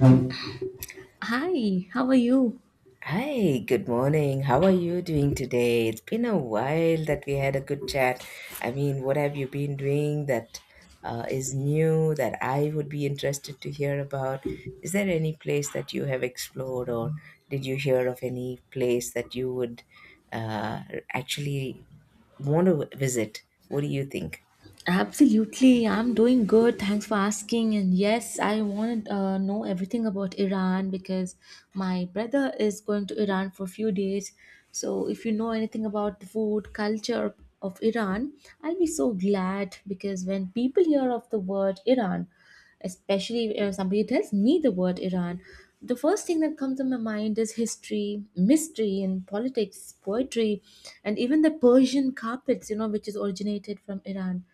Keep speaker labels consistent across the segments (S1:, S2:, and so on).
S1: Hi, how are you?
S2: Hi, good morning. How are you doing today? It's been a while that we had a good chat. I mean, what have you been doing that is new that I would be interested to hear about? Is there any place that you have explored, or did you hear of any place that you would uh, actually want to visit? What do you think?
S1: Absolutely, I'm doing good. Thanks for asking. And yes, I want to know everything about Iran because my brother is going to Iran for a few days. So, if you know anything about the food culture of Iran, I'll be so glad because when people hear of the word Iran, especially if somebody tells me the word Iran, the first thing that comes to my mind is history, mystery, and politics, poetry, and even the Persian carpets, which is originated from Iran.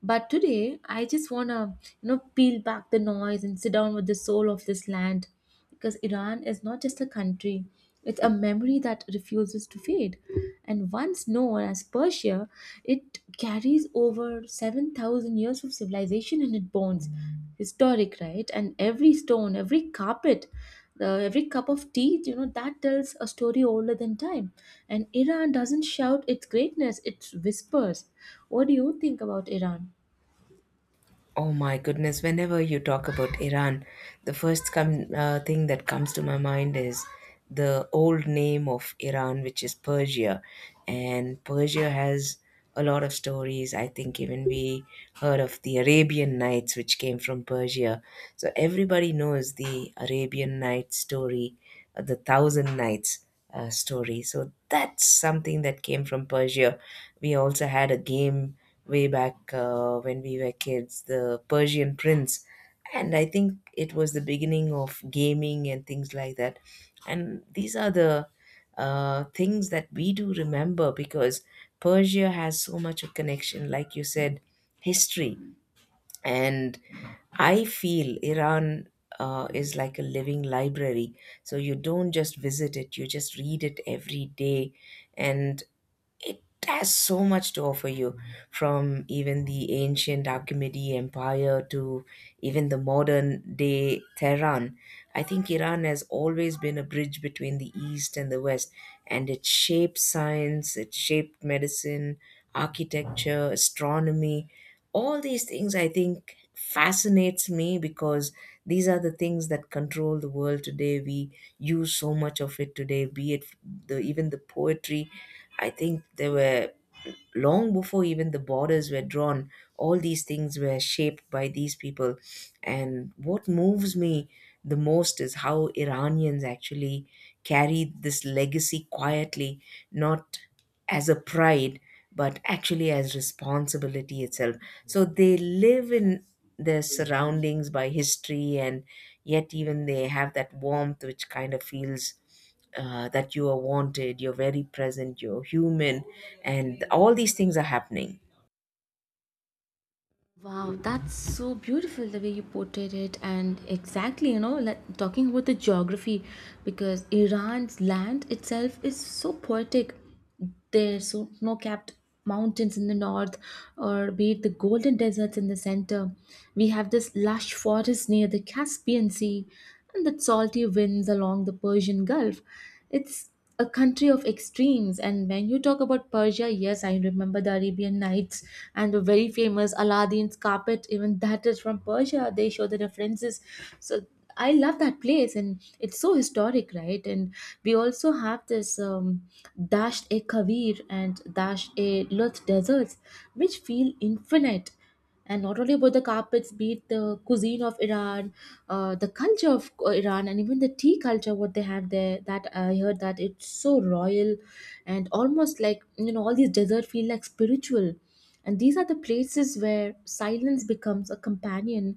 S1: But today, I just want to, peel back the noise and sit down with the soul of this land because Iran is not just a country, it's a memory that refuses to fade. And once known as Persia, it carries over 7,000 years of civilization in its bones. Historic, right? And every stone, every carpet, every cup of tea, that tells a story older than time. And Iran doesn't shout its greatness, it whispers. What do you think about Iran?
S2: Oh my goodness, whenever you talk about Iran, the first thing that comes to my mind is the old name of Iran, which is Persia. And Persia has a lot of stories. I think even we heard of the Arabian Nights, which came from Persia. So everybody knows the Arabian Nights story, the Thousand Nights. Story so that's something that came from Persia. We also had a game way back, when we were kids, the Persian Prince. And I think it was the beginning of gaming and things like that. And these are the things that we do remember because Persia has so much a connection, like you said, history. And I feel Iran is like a living library. So you don't just visit it, you just read it every day. And it has so much to offer you, from even the ancient Achaemenid Empire to even the modern day Tehran. I think Iran has always been a bridge between the East and the West, and it shaped science, it shaped medicine, architecture, astronomy. All these things I think fascinates me because these are the things that control the world today. We use so much of it today, be it the even the poetry. I think they were long before even the borders were drawn, all these things were shaped by these people. And what moves me the most is how Iranians actually carried this legacy quietly, not as a pride, but actually as responsibility itself. So they live in their surroundings by history, and yet even they have that warmth which kind of feels that you are wanted, you're very present, you're human, and all these things are happening.
S1: Wow, that's so beautiful the way you portrayed it, and exactly, like talking about the geography, because Iran's land itself is so poetic. There's so snow-capped mountains in the north, or be it the golden deserts in the center. We have this lush forest near the Caspian Sea, and the salty winds along the Persian Gulf. It's a country of extremes. And when you talk about Persia, yes, I remember the Arabian Nights and the very famous Aladdin's carpet, even that is from Persia. They show the references. So I love that place and it's so historic, right? And we also have this Dasht e Kavir and Dasht e Lut deserts, which feel infinite, and not only about the carpets, be it the cuisine of Iran, the culture of Iran, and even the tea culture what they have there that I heard that it's so royal. And almost like all these desert feel like spiritual, and these are the places where silence becomes a companion.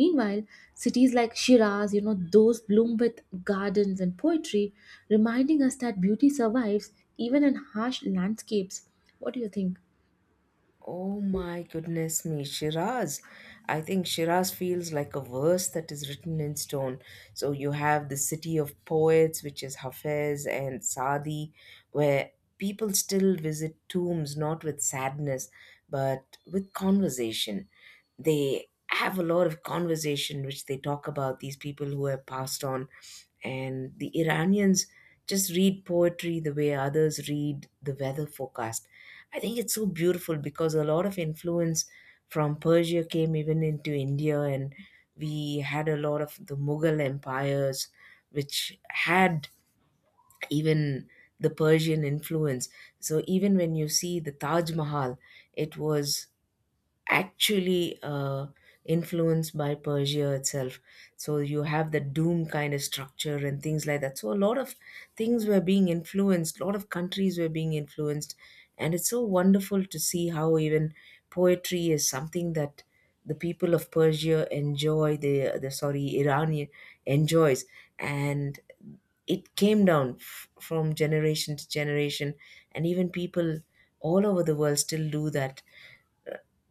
S1: Meanwhile, cities like Shiraz, those bloom with gardens and poetry, reminding us that beauty survives even in harsh landscapes. What do you think?
S2: Oh my goodness me, Shiraz. I think Shiraz feels like a verse that is written in stone. So you have the city of poets, which is Hafez and Saadi, where people still visit tombs not with sadness, but with conversation. They have a lot of conversation which they talk about these people who have passed on, and the Iranians just read poetry the way others read the weather forecast. I think it's so beautiful because a lot of influence from Persia came even into India, and we had a lot of the Mughal empires, which had even the Persian influence. So, even when you see the Taj Mahal, it was actually influenced by Persia itself. So you have the doom kind of structure and things like that. So a lot of things were being influenced, a lot of countries were being influenced. And it's so wonderful to see how even poetry is something that the people of Persia enjoy, the Iranian enjoys. And it came down from generation to generation, and even people all over the world still do that.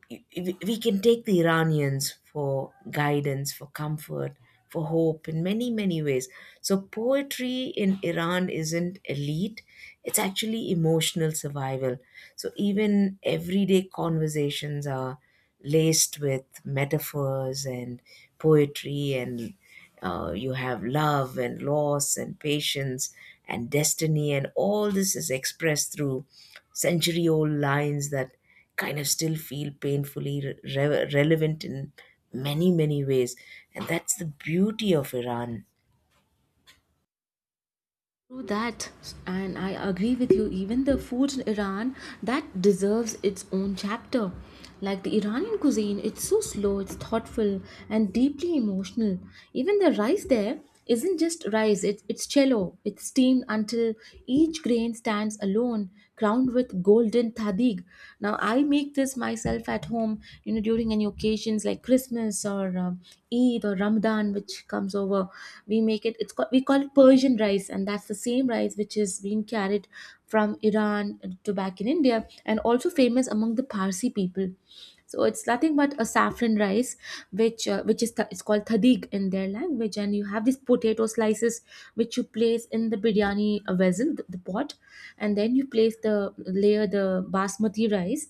S2: We can take the Iranians for guidance, for comfort, for hope in many, many ways. So, poetry in Iran isn't elite, it's actually emotional survival. So, even everyday conversations are laced with metaphors and poetry, and you have love and loss and patience and destiny, and all this is expressed through century old lines that kind of still feel painfully relevant in many, many ways. And that's the beauty of Iran.
S1: True that, and I agree with you. Even the food in Iran that deserves its own chapter. Like the Iranian cuisine, it's so slow, it's thoughtful, and deeply emotional. Even the rice there isn't just rice; it's cello. It's steamed until each grain stands alone, crowned with golden tadig. Now I make this myself at home. During any occasions like Christmas or Eid or Ramadan, which comes over, we make it it's called, we call it Persian rice, and that's the same rice which is being carried from Iran to back in India, and also famous among the Parsi people. So it's nothing but a saffron rice which it's called thadig in their language. And you have these potato slices which you place in the biryani vessel, the pot. And then you place the layer, the basmati rice,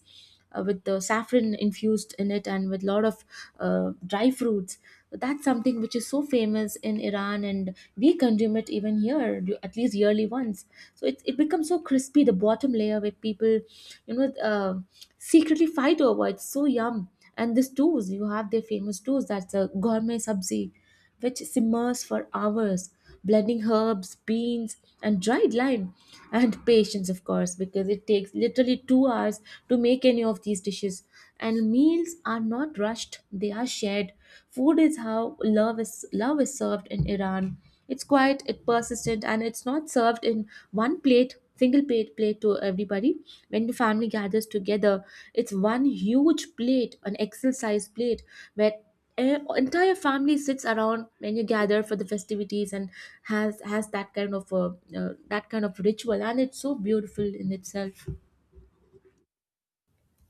S1: with the saffron infused in it, and with a lot of dry fruits. That's something which is so famous in Iran, and we consume it even here, at least yearly once. So it becomes so crispy, the bottom layer where people, you know, uh, secretly fight over. It's so yum. And this doos, you have their famous doos, that's a gourmet sabzi, which simmers for hours, blending herbs, beans, and dried lime, and patience, of course, because it takes literally 2 hours to make any of these dishes. And meals are not rushed; they are shared. Food is how love is served in Iran. It's quiet, it's persistent, and it's not served in one plate, single plate to everybody. When the family gathers together, it's one huge plate, an Excel size plate, where entire family sits around when you gather for the festivities, and has that kind of ritual, and it's so beautiful in itself.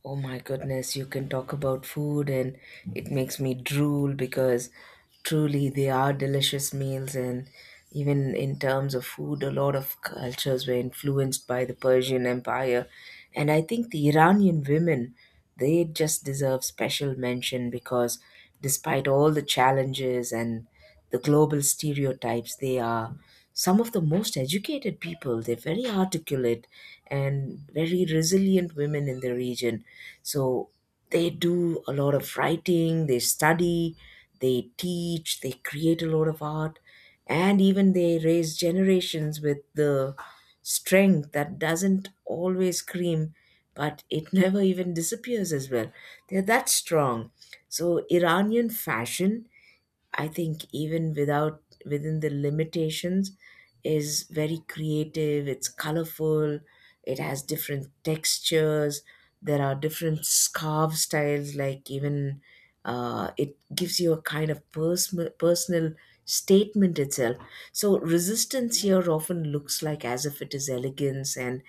S2: Oh my goodness, you can talk about food, and it makes me drool because truly they are delicious meals. And even in terms of food, a lot of cultures were influenced by the Persian Empire. And I think the Iranian women, they just deserve special mention because despite all the challenges and the global stereotypes. They are some of the most educated people. They're very articulate and very resilient women in the region. So they do a lot of writing, they study, they teach, they create a lot of art, and even they raise generations with the strength that doesn't always scream. But it never even disappears as well. They're that strong. So, Iranian fashion, I think even without within the limitations, is very creative, it's colorful, it has different textures, there are different scarf styles, like even it gives you a kind of personal statement itself. So resistance here often looks like as if it is elegance, and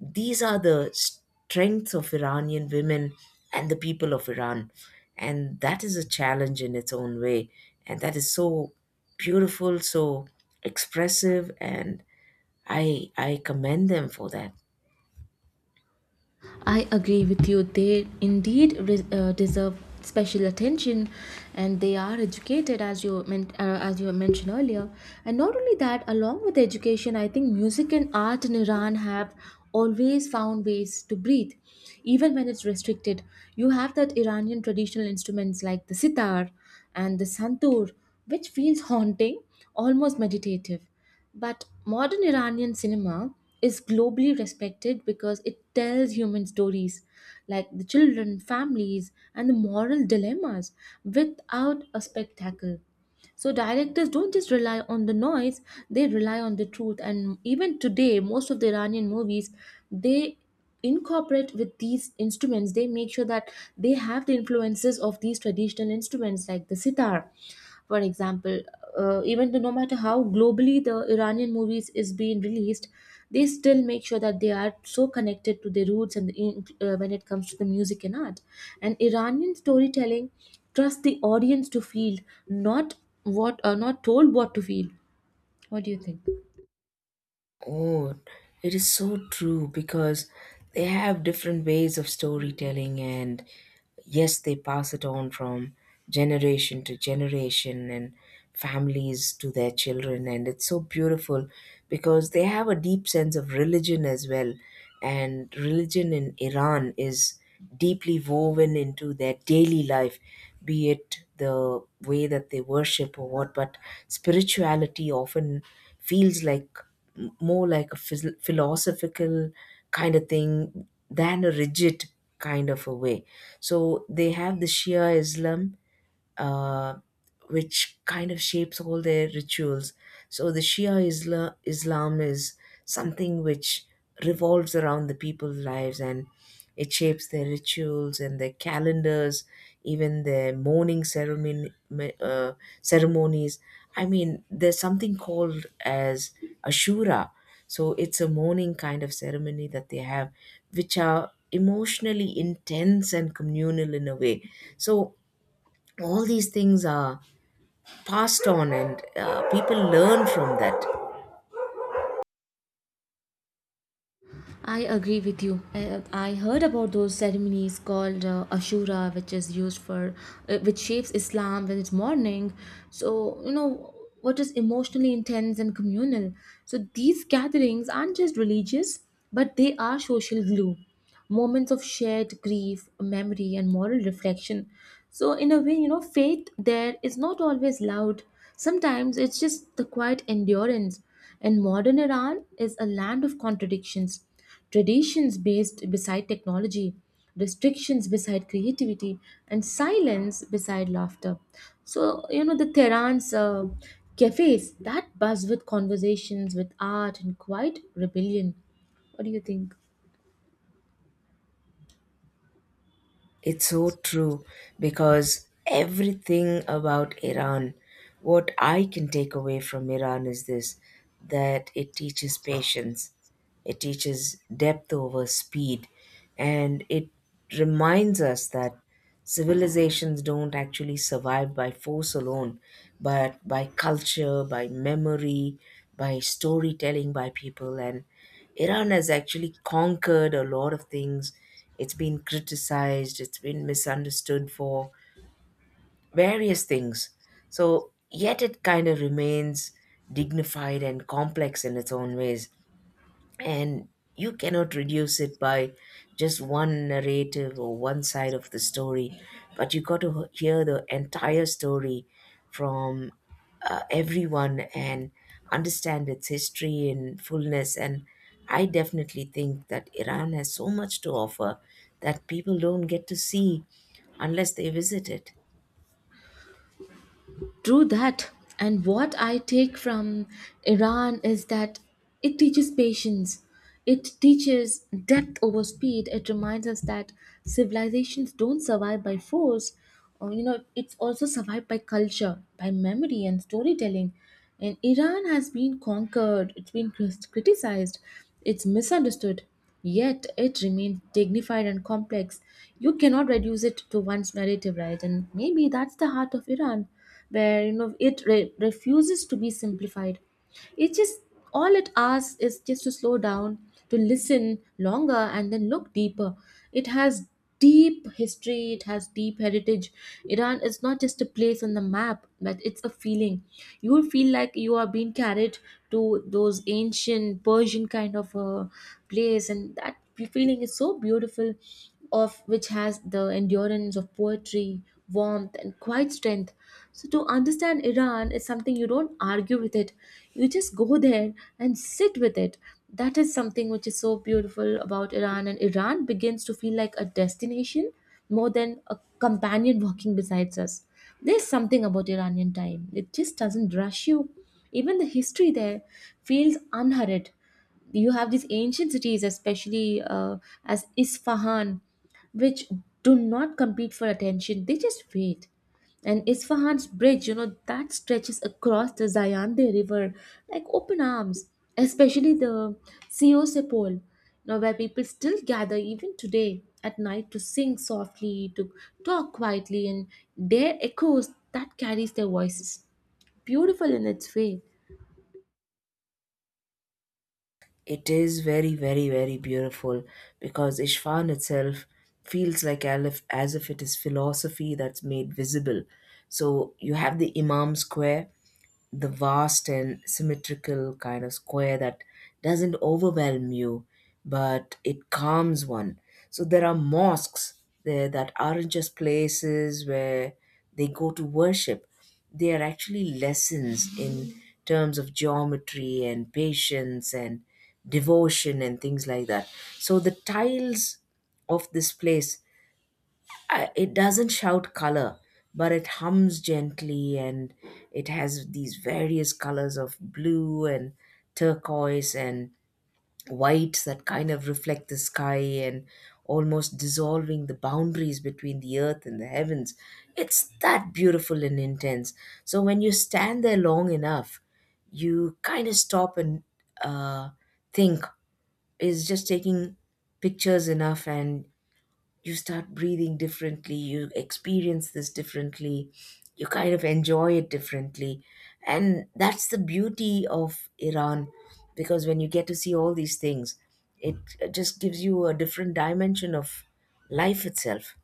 S2: these are the strengths of Iranian women and the people of Iran, and that is a challenge in its own way, and that is so beautiful, so expressive, and I commend them for that.
S1: I agree with you. They indeed deserve special attention, and they are educated, as you mentioned earlier. And not only that, along with education, I think music and art in Iran have always found ways to breathe, even when it's restricted. You have that Iranian traditional instruments like the sitar and the santur, which feels haunting, almost meditative, but modern Iranian cinema is globally respected because it tells human stories like the children, families, and the moral dilemmas without a spectacle. So directors don't just rely on the noise, they rely on the truth. And even today, most of the Iranian movies, they incorporate with these instruments. They make sure that they have the influences of these traditional instruments like the sitar. For example, even though no matter how globally the Iranian movies is being released, they still make sure that they are so connected to their roots and when it comes to the music and art. And Iranian storytelling trust the audience to feel, not what are not told what to feel. What do you think?
S2: Oh, it is so true because they have different ways of storytelling, and yes, they pass it on from generation to generation and families to their children. And it's so beautiful because they have a deep sense of religion as well. And religion in Iran is deeply woven into their daily life, be it the way that they worship or what, but spirituality often feels like more like a philosophical kind of thing than a rigid kind of a way. So they have the Shia Islam, uh, which kind of shapes all their rituals. So the Shia Islam is something which revolves around the people's lives, and it shapes their rituals and their calendars, even their mourning uh, ceremonies. I mean, there's something called as Ashura. So it's a mourning kind of ceremony that they have, which are emotionally intense and communal in a way. So all these things are passed on, and people learn from that.
S1: I agree with you. I heard about those ceremonies called Ashura, which is which shapes Islam when it's mourning. So, what is emotionally intense and communal. So, these gatherings aren't just religious, but they are social glue, moments of shared grief, memory, and moral reflection. So, in a way, faith there is not always loud. Sometimes it's just the quiet endurance. And modern Iran is a land of contradictions, traditions based beside technology, restrictions beside creativity, and silence beside laughter. So, the Tehran's cafes that buzz with conversations, with art, and quiet rebellion. What do you think?
S2: It's so true because everything about Iran, what I can take away from Iran is this, that it teaches patience. It teaches depth over speed, and it reminds us that civilizations don't actually survive by force alone, but by culture, by memory, by storytelling, by people. And Iran has actually conquered a lot of things. It's been criticized, it's been misunderstood for various things. So, yet it kind of remains dignified and complex in its own ways, and you cannot reduce it by just one narrative or one side of the story, but you got to hear the entire story from everyone, and understand its history in fullness. And I definitely think that Iran has so much to offer that people don't get to see unless they visit it.
S1: True that. And what I take from Iran is that it teaches patience, it teaches depth over speed, it reminds us that civilizations don't survive by force. It's also survived by culture, by memory, and storytelling. And Iran has been conquered, it's been criticized, it's misunderstood, yet it remains dignified and complex. You cannot reduce it to one's narrative, right? And maybe that's the heart of Iran where it refuses to be simplified, it just, all it asks is just to slow down, to listen longer, and then look deeper. It has deep history, it has deep heritage. Iran is not just a place on the map, but it's a feeling. You will feel like you are being carried to those ancient Persian kind of a place, and that feeling is so beautiful, of which has the endurance of poetry, warmth, and quiet strength. So, to understand Iran is something you don't argue with it, you just go there and sit with it. That is something which is so beautiful about Iran, and Iran begins to feel like a destination more than a companion walking besides us. There's something about Iranian time, it just doesn't rush you. Even the history there feels unhurried. You have these ancient cities, especially as Isfahan, which do not compete for attention. They just wait. And Isfahan's bridge, that stretches across the Zayande River like open arms, especially the Sio Sepol, now where people still gather even today at night to sing softly, to talk quietly, and their echoes that carries their voices. Beautiful in its way.
S2: It is very, very, very beautiful because Ishfan itself feels like as if it is philosophy that's made visible. So you have the Imam Square, the vast and symmetrical kind of square that doesn't overwhelm you, but it calms one. So there are mosques there that aren't just places where they go to worship. They are actually lessons in terms of geometry and patience and devotion and things like that. So the tiles of this place, it doesn't shout color, but it hums gently, and it has these various colors of blue and turquoise and whites that kind of reflect the sky and almost dissolving the boundaries between the earth and the heavens. It's that beautiful and intense. So when you stand there long enough, you kind of stop and uh, think, is just taking pictures enough? And you start breathing differently, you experience this differently, you kind of enjoy it differently. And that's the beauty of Iran, because when you get to see all these things, it just gives you a different dimension of life itself.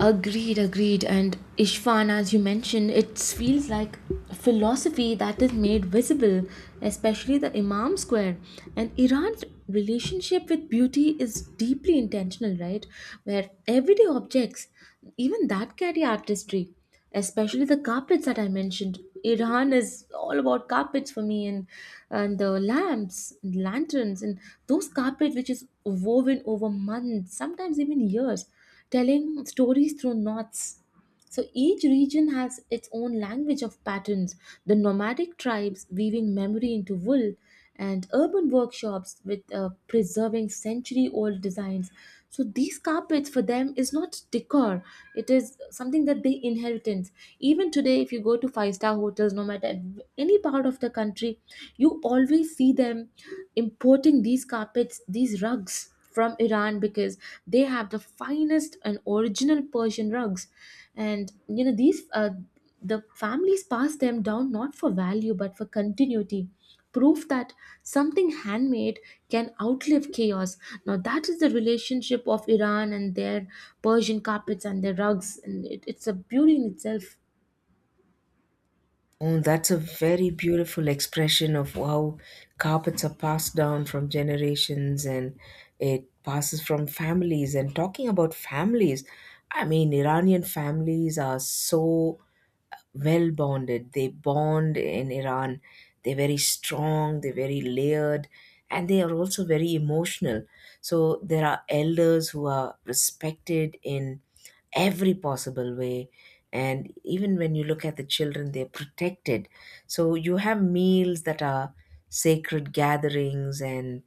S1: Agreed, agreed. And Ishvan, as you mentioned, it feels like philosophy that is made visible, especially the Imam Square. And Iran's relationship with beauty is deeply intentional, right? Where everyday objects, even that carry artistry, especially the carpets that I mentioned. Iran is all about carpets for me, and the lamps, and lanterns, and those carpets which is woven over months, sometimes even years, telling stories through knots. So each region has its own language of patterns, the nomadic tribes weaving memory into wool, and urban workshops with preserving century old designs. So these carpets for them is not decor, it is something that they inheritance. Even today, if you go to five star hotels, no matter any part of the country, you always see them importing these carpets, these rugs from Iran because they have the finest and original Persian rugs. And you know, the families pass them down not for value but for continuity. Proof that something handmade can outlive chaos. Now, that is the relationship of Iran and their Persian carpets and their rugs, and it's a beauty in itself.
S2: Oh, that's a very beautiful expression of how carpets are passed down from generations and it passes from families. And talking about families, I mean, Iranian families are so well bonded. They bond in Iran. They're very strong, they're very layered, and they are also very emotional. So there are elders who are respected in every possible way. And even when you look at the children, they're protected. So you have meals that are sacred gatherings, and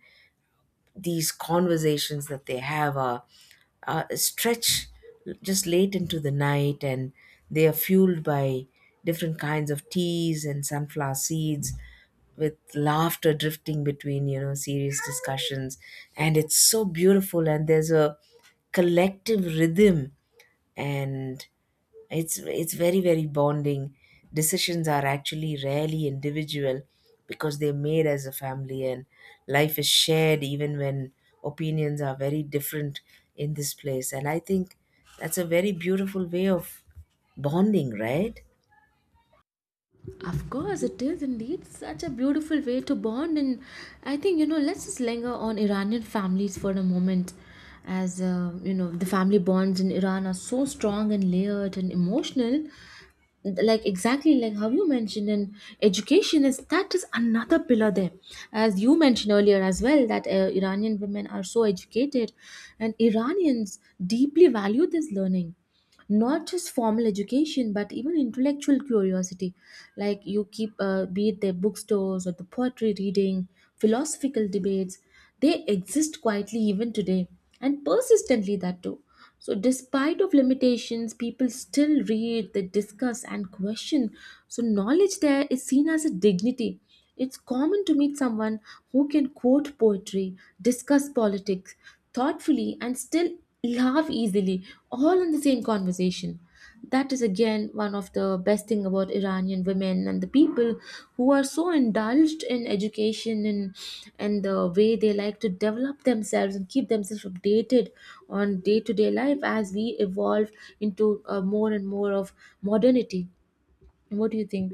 S2: these conversations that they have are, stretch just late into the night, and they are fueled by different kinds of teas and sunflower seeds, with laughter drifting between, you know, serious discussions. And it's so beautiful, and there's a collective rhythm, and it's very, very bonding. Decisions are actually rarely individual because they're made as a family, and life is shared even when opinions are very different in this place. And I think that's a very beautiful way of bonding, right?
S1: Of course, it is indeed such a beautiful way to bond. And I think, let's just linger on Iranian families for a moment. As, you know, the family bonds in Iran are so strong and layered and emotional, like exactly like how you mentioned. In education, is that is another pillar there, as you mentioned earlier as well, that Iranian women are so educated and Iranians deeply value this learning, not just formal education but even intellectual curiosity. Like you keep, be it their bookstores or the poetry reading, philosophical debates, they exist quietly even today, and persistently that too. So despite of limitations, people still read, they discuss and question. So knowledge there is seen as a dignity. It's common to meet someone who can quote poetry, discuss politics thoughtfully, and still laugh easily, all in the same conversation. That is again one of the best thing about Iranian women and the people who are so indulged in education, and the way they like to develop themselves and keep themselves updated on day to day life as we evolve into, more and more of modernity. What do you think?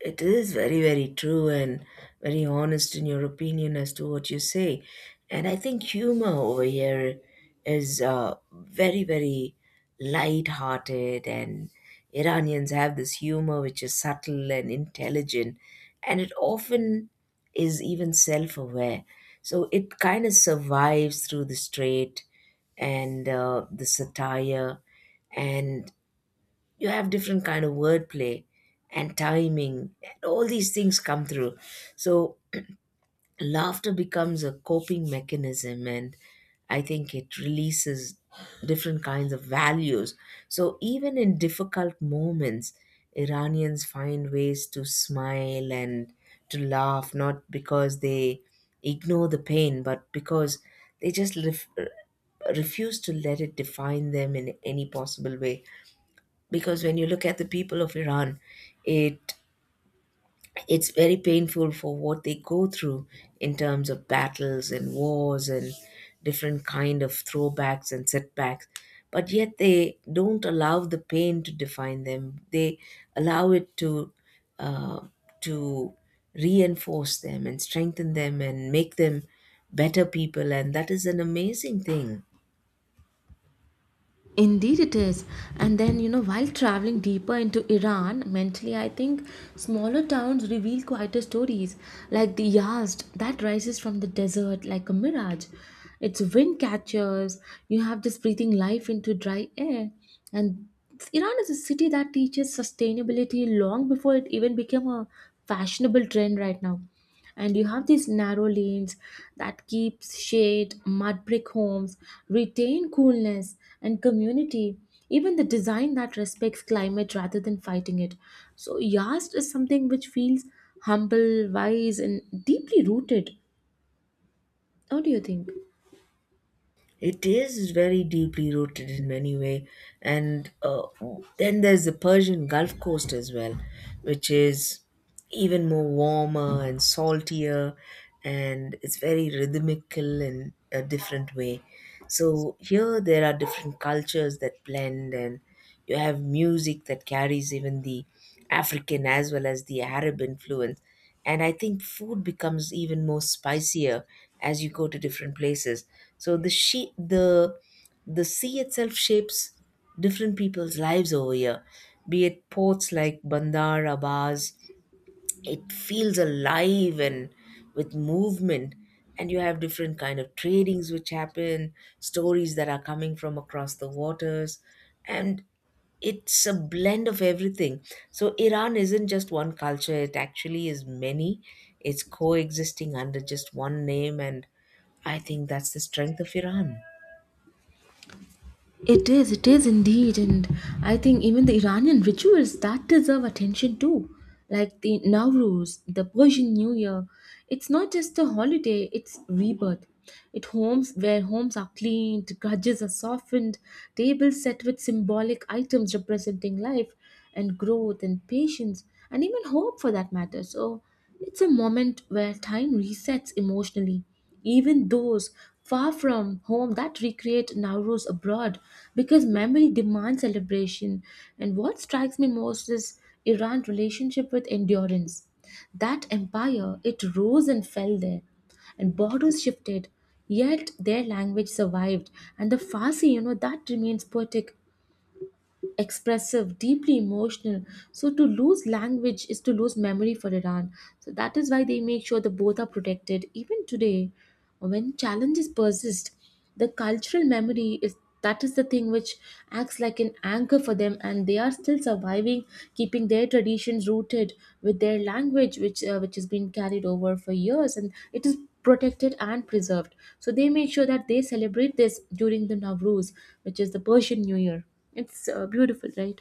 S2: It is very, very true and very honest in your opinion as to what you say. And I think humor over here is very, very light-hearted, and Iranians have this humor which is subtle and intelligent, and it often is even self-aware. So it kind of survives through the straight and the satire and you have different kind of wordplay and timing and all these things come through, so laughter becomes a coping mechanism, and I think it releases different kinds of values. So even in difficult moments, Iranians find ways to smile and to laugh, not because they ignore the pain but because they just ref- refuse to let it define them in any possible way. Because when you look at the people of Iran, it it's very painful for what they go through in terms of battles and wars and different kind of throwbacks and setbacks. But yet they don't allow the pain to define them. They allow it uh, to reinforce them and strengthen them and make them better people, and that is an amazing thing.
S1: Indeed, it is. And then, you know, while traveling deeper into Iran, mentally, I think smaller towns reveal quieter stories, like the Yazd that rises from the desert like a mirage. Its wind catchers, you have this breathing life into dry air. And Iran is a city that teaches sustainability long before it even became a fashionable trend right now. And you have these narrow lanes that keeps shade, mud brick homes retain coolness and community, even the design that respects climate rather than fighting it. So Yast is something which feels humble, wise, and deeply rooted. What do you think?
S2: It is very deeply rooted in many way, and then there's the Persian Gulf Coast as well, which is even more warmer and saltier, and it's very rhythmical in a different way. So here there are different cultures that blend, and you have music that carries even the African as well as the Arab influence. And I think food becomes even more spicier as you go to different places. So the the sea itself shapes different people's lives over here, be it ports like Bandar Abbas. It feels alive and with movement, and you have different kind of tradings which happen, stories that are coming from across the waters, and it's a blend of everything. So Iran isn't just one culture, it actually is many. It's coexisting under just one name, and I think that's the strength of Iran.
S1: It is indeed. And I think even the Iranian rituals that deserve attention too, like the Nowruz, the Persian New Year. It's not just a holiday; it's rebirth. It homes where homes are cleaned, grudges are softened, tables set with symbolic items representing life, and growth and patience, and even hope for that matter. So it's a moment where time resets emotionally. Even those far from home that recreate Nowruz abroad because memory demands celebration. And what strikes me most is Iran's relationship with endurance. That empire, it rose and fell there, and borders shifted, yet their language survived. And the Farsi, you know, that remains poetic, expressive, deeply emotional. So to lose language is to lose memory for Iran. So that is why they make sure that both are protected. Even today, when challenges persist, the cultural memory is, that is the thing which acts like an anchor for them, and they are still surviving, keeping their traditions rooted with their language, which, which has been carried over for years, and it is protected and preserved. So they make sure that they celebrate this during the Nowruz, which is the Persian New Year. It's beautiful, right?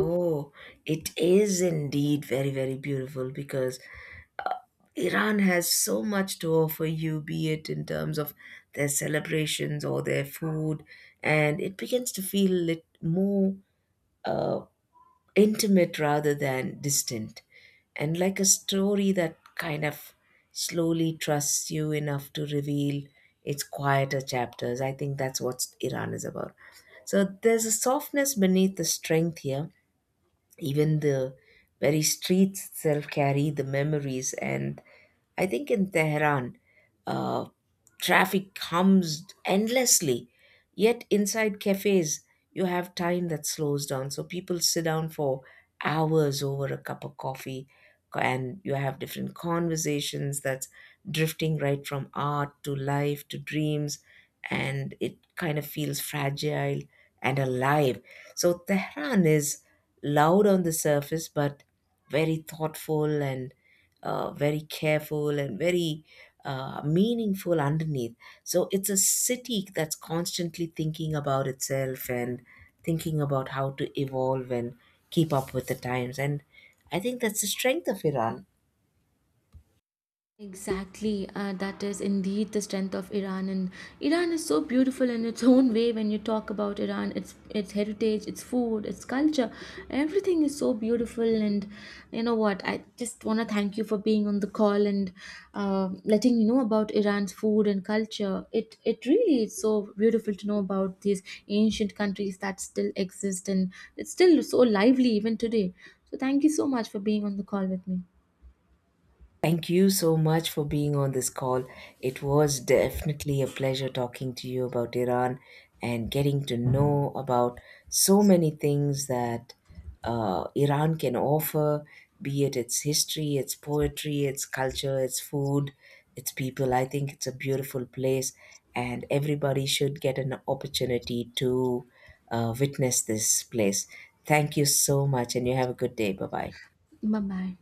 S2: Oh, it is indeed very, very beautiful, because Iran has so much to offer you, be it in terms of their celebrations or their food, and it begins to feel more uh, intimate rather than distant, and like a story that kind of slowly trusts you enough to reveal its quieter chapters. I think that's what Iran is about. So there's a softness beneath the strength here. Even the very streets itself carry the memories, and I think in Tehran, uh, traffic hums endlessly, yet inside cafes, you have time that slows down. So people sit down for hours over a cup of coffee, and you have different conversations that's drifting right from art to life to dreams, and it kind of feels fragile and alive. So Tehran is loud on the surface, but very thoughtful and very careful and very meaningful underneath. So it's a city that's constantly thinking about itself and thinking about how to evolve and keep up with the times. And I think that's the strength of Iran.
S1: Exactly, that is indeed the strength of Iran, and Iran is so beautiful in its own way. When you talk about Iran, its heritage, its food, its culture, everything is so beautiful. And you know what? I just want to thank you for being on the call, and letting me know about Iran's food and culture. It really is so beautiful to know about these ancient countries that still exist, and it's still so lively even today. So thank you so much for being on the call with me.
S2: Thank you so much for being on this call. It was definitely a pleasure talking to you about Iran and getting to know about so many things that Iran can offer, be it its history, its poetry, its culture, its food, its people. I think it's a beautiful place, and everybody should get an opportunity to witness this place. Thank you so much, and you have a good day. Bye bye.
S1: 慢慢